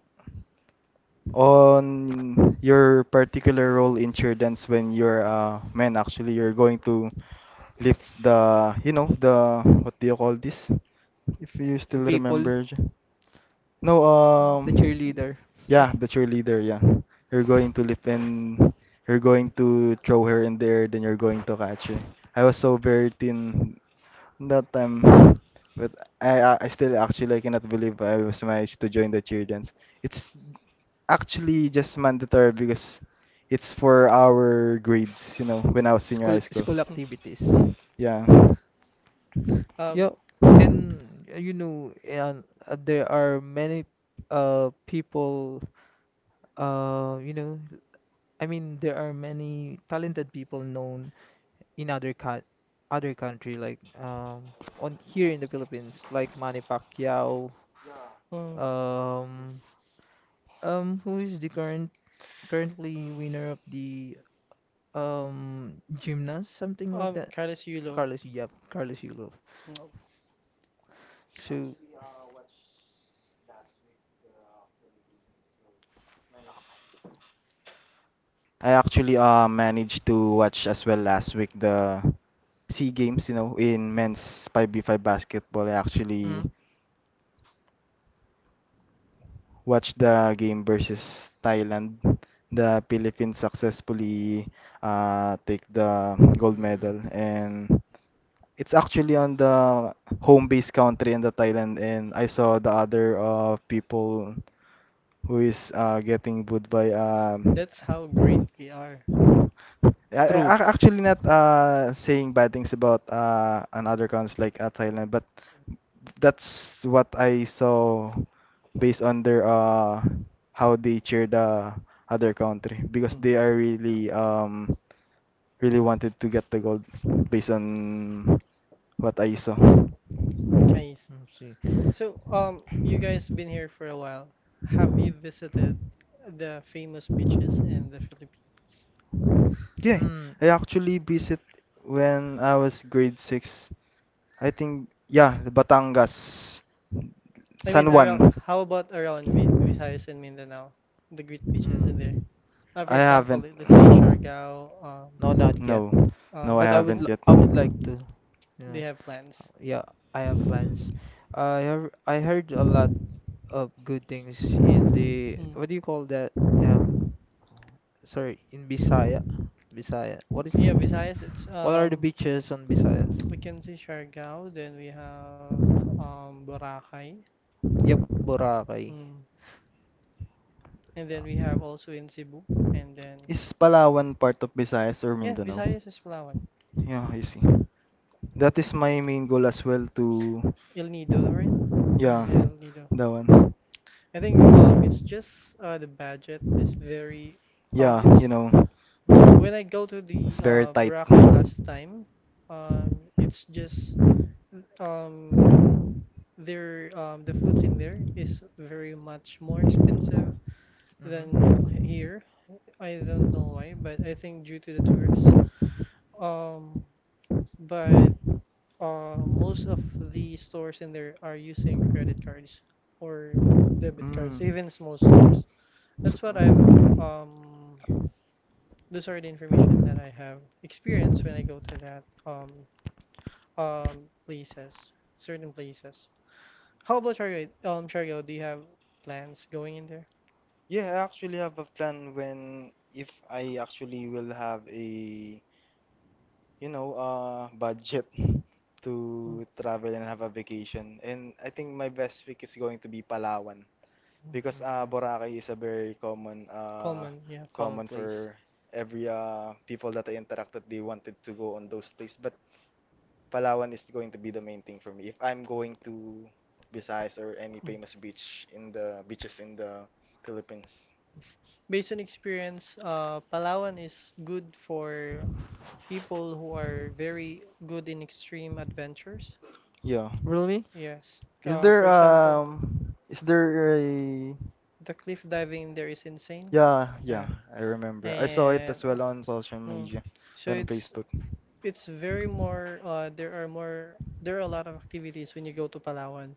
on your particular role in cheer dance when you're a man actually you're going to lift the you know the what do you call this if you The still people, remember J- no the cheerleader, sure, yeah, the cheerleader, yeah, you're going to lift, and you're going to throw her in the air, then you're going to catch her. I was so very thin that time, but I still actually I cannot believe I was managed to join the cheer dance. It's actually just mandatory because it's for our grades, you know, when I was senior high school. school mm, activities. mm, Yeah, um, Yeah, and you know, and there are many people you know, I mean there are many talented people known in other country like on here in the Philippines like Manny Pacquiao mm, um who is the currently winner of the um gymnast, something like that. Carlos Yulo, Carlos, yeah, Carlos Yulo. mm, So, I actually managed to watch as well last week the SEA Games, you know, in men's 5v5 basketball. I actually mm, watched the game versus Thailand. The Philippines successfully take the gold mm, medal, and it's actually on the home base country in the Thailand. And I saw the other people who is getting booed by that's how great we are, I, I true. Actually not saying bad things about another countries like Thailand, but that's what I saw based on their how they cheer the other country because mm, they are really really wanted to get the gold based on what I saw. nice. Mm, see. So, you guys been here for a while. Have you visited the famous beaches in the Philippines? Yeah, Mm, I actually visit when I was grade 6. I think, yeah, the Batangas, I San mean, Juan. around, how about around Vi Visayas and Mindanao? The great beaches mm, in there. For I example, haven't. let- let's say Siargao, no, not yet. No, no, I But Cebu. haven't yet. I would like to, you They know. have plans. Yeah, I have plans. I heard a lot of good things in the Mm. what do you call that? Um, in Bisaya, Bisaya. What is? Yeah, Visayas, it's What are the beaches on Visayas? we can see Siargao. Then we have Boracay. Yep, Boracay. Mm. And then we have also in Cebu. And then, Is Palawan part of Visayas or yeah, Mindanao? Visayas is Palawan. Yeah, I see. That is my main goal as well to, El Nido, right? yeah, Hmm. Yeah, El Nido. that one. I think it's just the budget is very Yeah, it's you know, mm. When I go to the it's very tight. Boracay last time, it's just um their the foods in there is very much more expensive Mm-hmm. than here. I don't know why, but I think due to the tourists. Um, but most of the stores in there are using credit cards or debit cards, Mm. even small stores. So, That's what I've um those are the information that I have experienced when I go to that places, certain places. How about Shario? Shario, do you have plans going in there? yeah, I actually have a plan when if I actually will have a, you know, budget [laughs] to travel and have a vacation. And I think my best pick is going to be Palawan because Mm. Boracay is a very common, Common, yeah. Common common place. for every people that I interacted. They wanted to go on those places, but Palawan is going to be the main thing for me. If I'm going to Visayas or any famous beach in the Philippines. Based on experience, Palawan is good for people who are very good in extreme adventures. Yeah. Really? Yes. Is For there example, um is there a the cliff diving there is insane. yeah, yeah, Yeah. I remember. I saw it And as well on social mm. media, So on Facebook. it's very more there are more there are a lot of activities when you go to Palawan.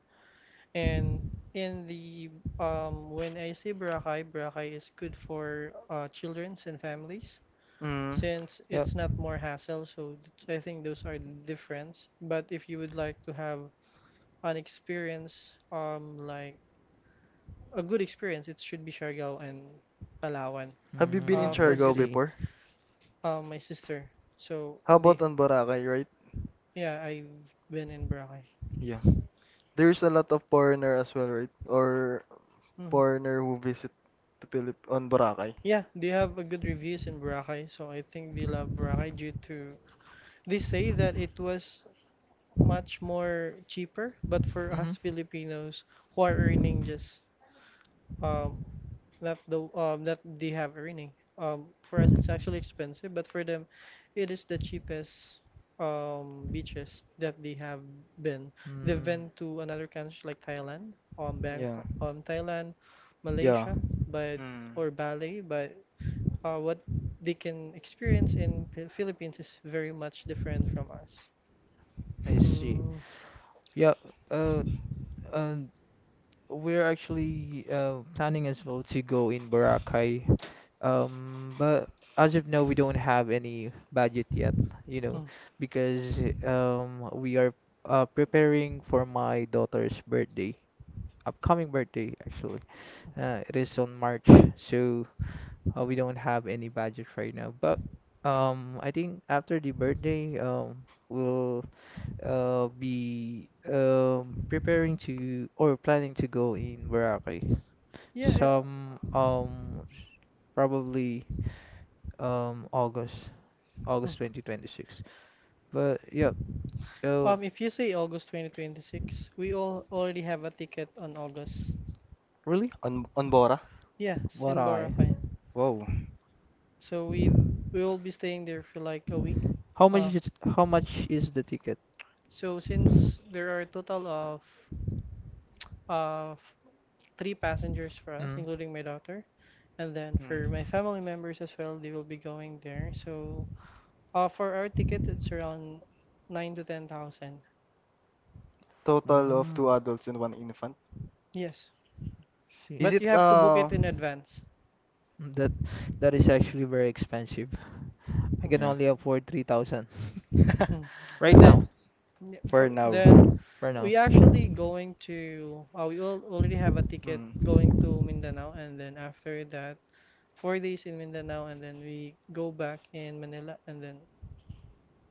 And in the when I say Boracay, Boracay is good for childrens and families Mm. since Yep. it's not more hassle, so th- I think those are the difference. But if you would like to have an experience, like a good experience, it should be Siargao and Palawan. Have you been in Mm, For let's Siargao good, see. before? My sister. So How the about on Boracay, right? yeah, I've been in Boracay. Yeah. There's a lot of foreigner as well, right? Or Mhm. foreigner who visit the Philip on Boracay. Yeah, they have a good reviews in Boracay, so I think they love Boracay due to they say that it was much more cheaper, but for Mm-hmm. us [laughs] Filipinos who are earning just uh, that the that they have earning. For us it's actually expensive, but for them, it is the cheapest beaches that they have been. They've Mm, been to another countries like Thailand, Yeah. Bangkok, Thailand, Yeah. Malaysia, but Mm. or Bali, but what they can experience in Phil- Philippines is very much different from us. I see. Mm, Yep. Uh, uh, we're actually planning as well to go in Boracay. But as of now, we don't have any budget yet, you know, mm. because we are preparing for my daughter's birthday, upcoming birthday actually. It is on March, so we don't have any budget right now. But I think after the birthday, we'll be preparing to or planning to go in Boracay. Yeah, yeah. Some probably August, Mm. August 2026. But yeah, uh, If you say August 2026, we all already have a ticket on August. really? On Bora. Yes, What in I? Boracay. Whoa. So we will be staying there for like a week. How much Uh, is it, how much is the ticket? so since there are a total of three passengers for us, Mm. including my daughter. And then for my family members as well, they will be going there. So for our ticket, it's around 9 to 10 thousand. Total of two Mm. adults and one infant. Yes, See. Is but you it have to book it in advance. Mm, that is actually very expensive. I Mm. can yeah. only afford 3,000 Mm. [laughs] And right then now, yeah, For for now. then right now. we actually going to we all already have a ticket going Mm. to Mindanao, and then after that, 4 days in Mindanao, and then we go back in Manila, and then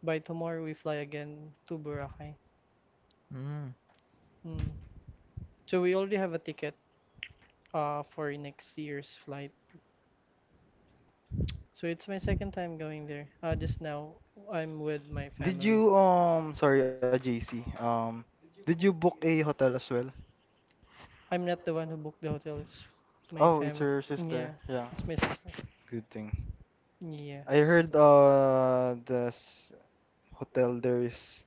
by tomorrow we fly again to Boracay. Mm. Mm. So we already have a ticket for next year's flight. So it's my second time going there. Just now I'm with my Did family. you sorry, a JC. Did you book a hotel as well? I'm not the one who booked the hotel, it's my Oh, it's family. her sister. Yeah, Yeah, it's my sister's. good thing. I Yes. heard this hotel there is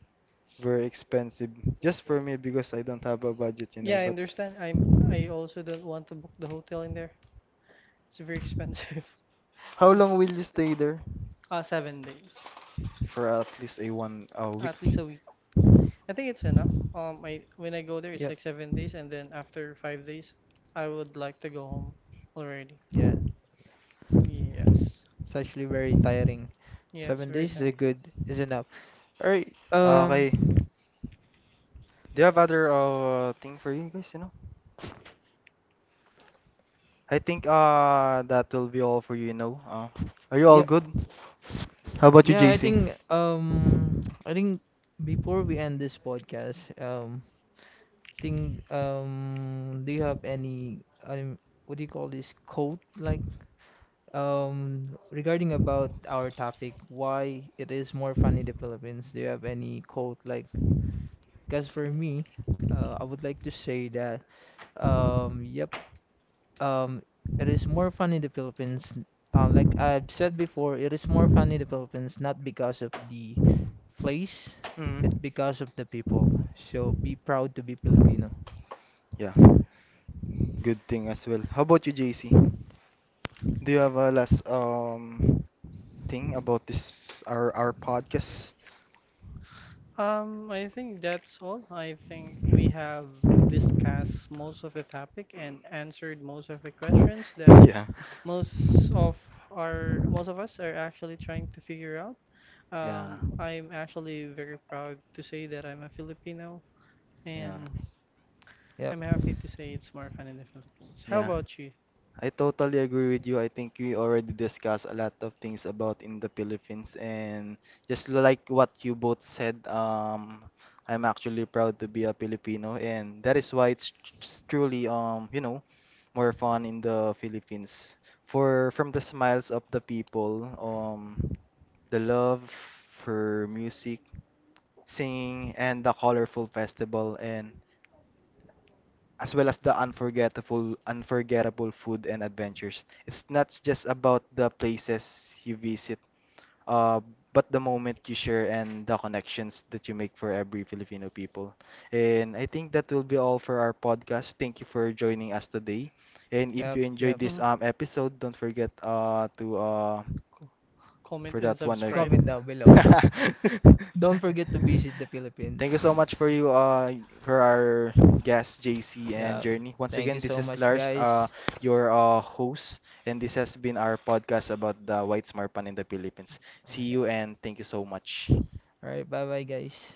very expensive. Just for me because I don't have a budget, you Yeah, know, I but understand. I also don't want to book the hotel in there. It's very expensive. [laughs] how Mm. long will you stay there? 7 days. For at least a one a week. At least a week. I think it's enough. I when I go there, it's Yeah, like 7 days, and then after 5 days, I would like to go home already. yeah. Yes, It's actually very tiring. yes, Seven very days is a tired. good is enough. Alright, Ah, okay. Do you have other thing for you guys, you know? I think that will be all for you, you know. Are you all yeah, good? How about you, yeah, JC? I think before we end this podcast, think do you have any what do you call this quote like regarding about our topic why it is more fun in the Philippines? Do you have any quote like because for me, I would like to say that um, yep. Um, it is more fun in the Philippines. Like I've said before, it is more fun in the Philippines not because of the place, it's Mm. because of the people. So be proud to be Filipino. Yeah, good thing as well. How about you, JC? Do you have a last thing about this our podcast? I think that's all. I think we have discussed most of the topic and answered most of the questions that [laughs] Yeah. most of our most of us are actually trying to figure out. Yeah. I'm actually very proud to say that I'm a Filipino, Yeah. and Yep, I'm happy to say it's more fun in the Philippines. How Yeah. about you? I totally agree with you. I think we already discussed a lot of things about in the Philippines, and just like what you both said, I'm actually proud to be a Filipino, and that is why it's truly, you know, more fun in the Philippines. For from the smiles of the people, the love for music, singing, and the colorful festival, and as well as the unforgettable food and adventures. It's not just about the places you visit, uh, but the moment you share and the connections that you make for every Filipino people. And I think that will be all for our podcast. Thank you for joining us today. And if you enjoyed yep. this Mhm. Episode, don't forget to Co- Comment for and that one, okay. subscribe. Comment down below. [laughs] [laughs] [laughs] Don't forget to visit the Philippines. Thank you so [laughs] much for you, for our guests, JC and Yeah. Journey. Once Thank again, you this so is much, Lars, guys. your host, and this has been our podcast about the white marpan in the Philippines. See Yeah. you, and thank you so much. All right. Bye, bye, guys.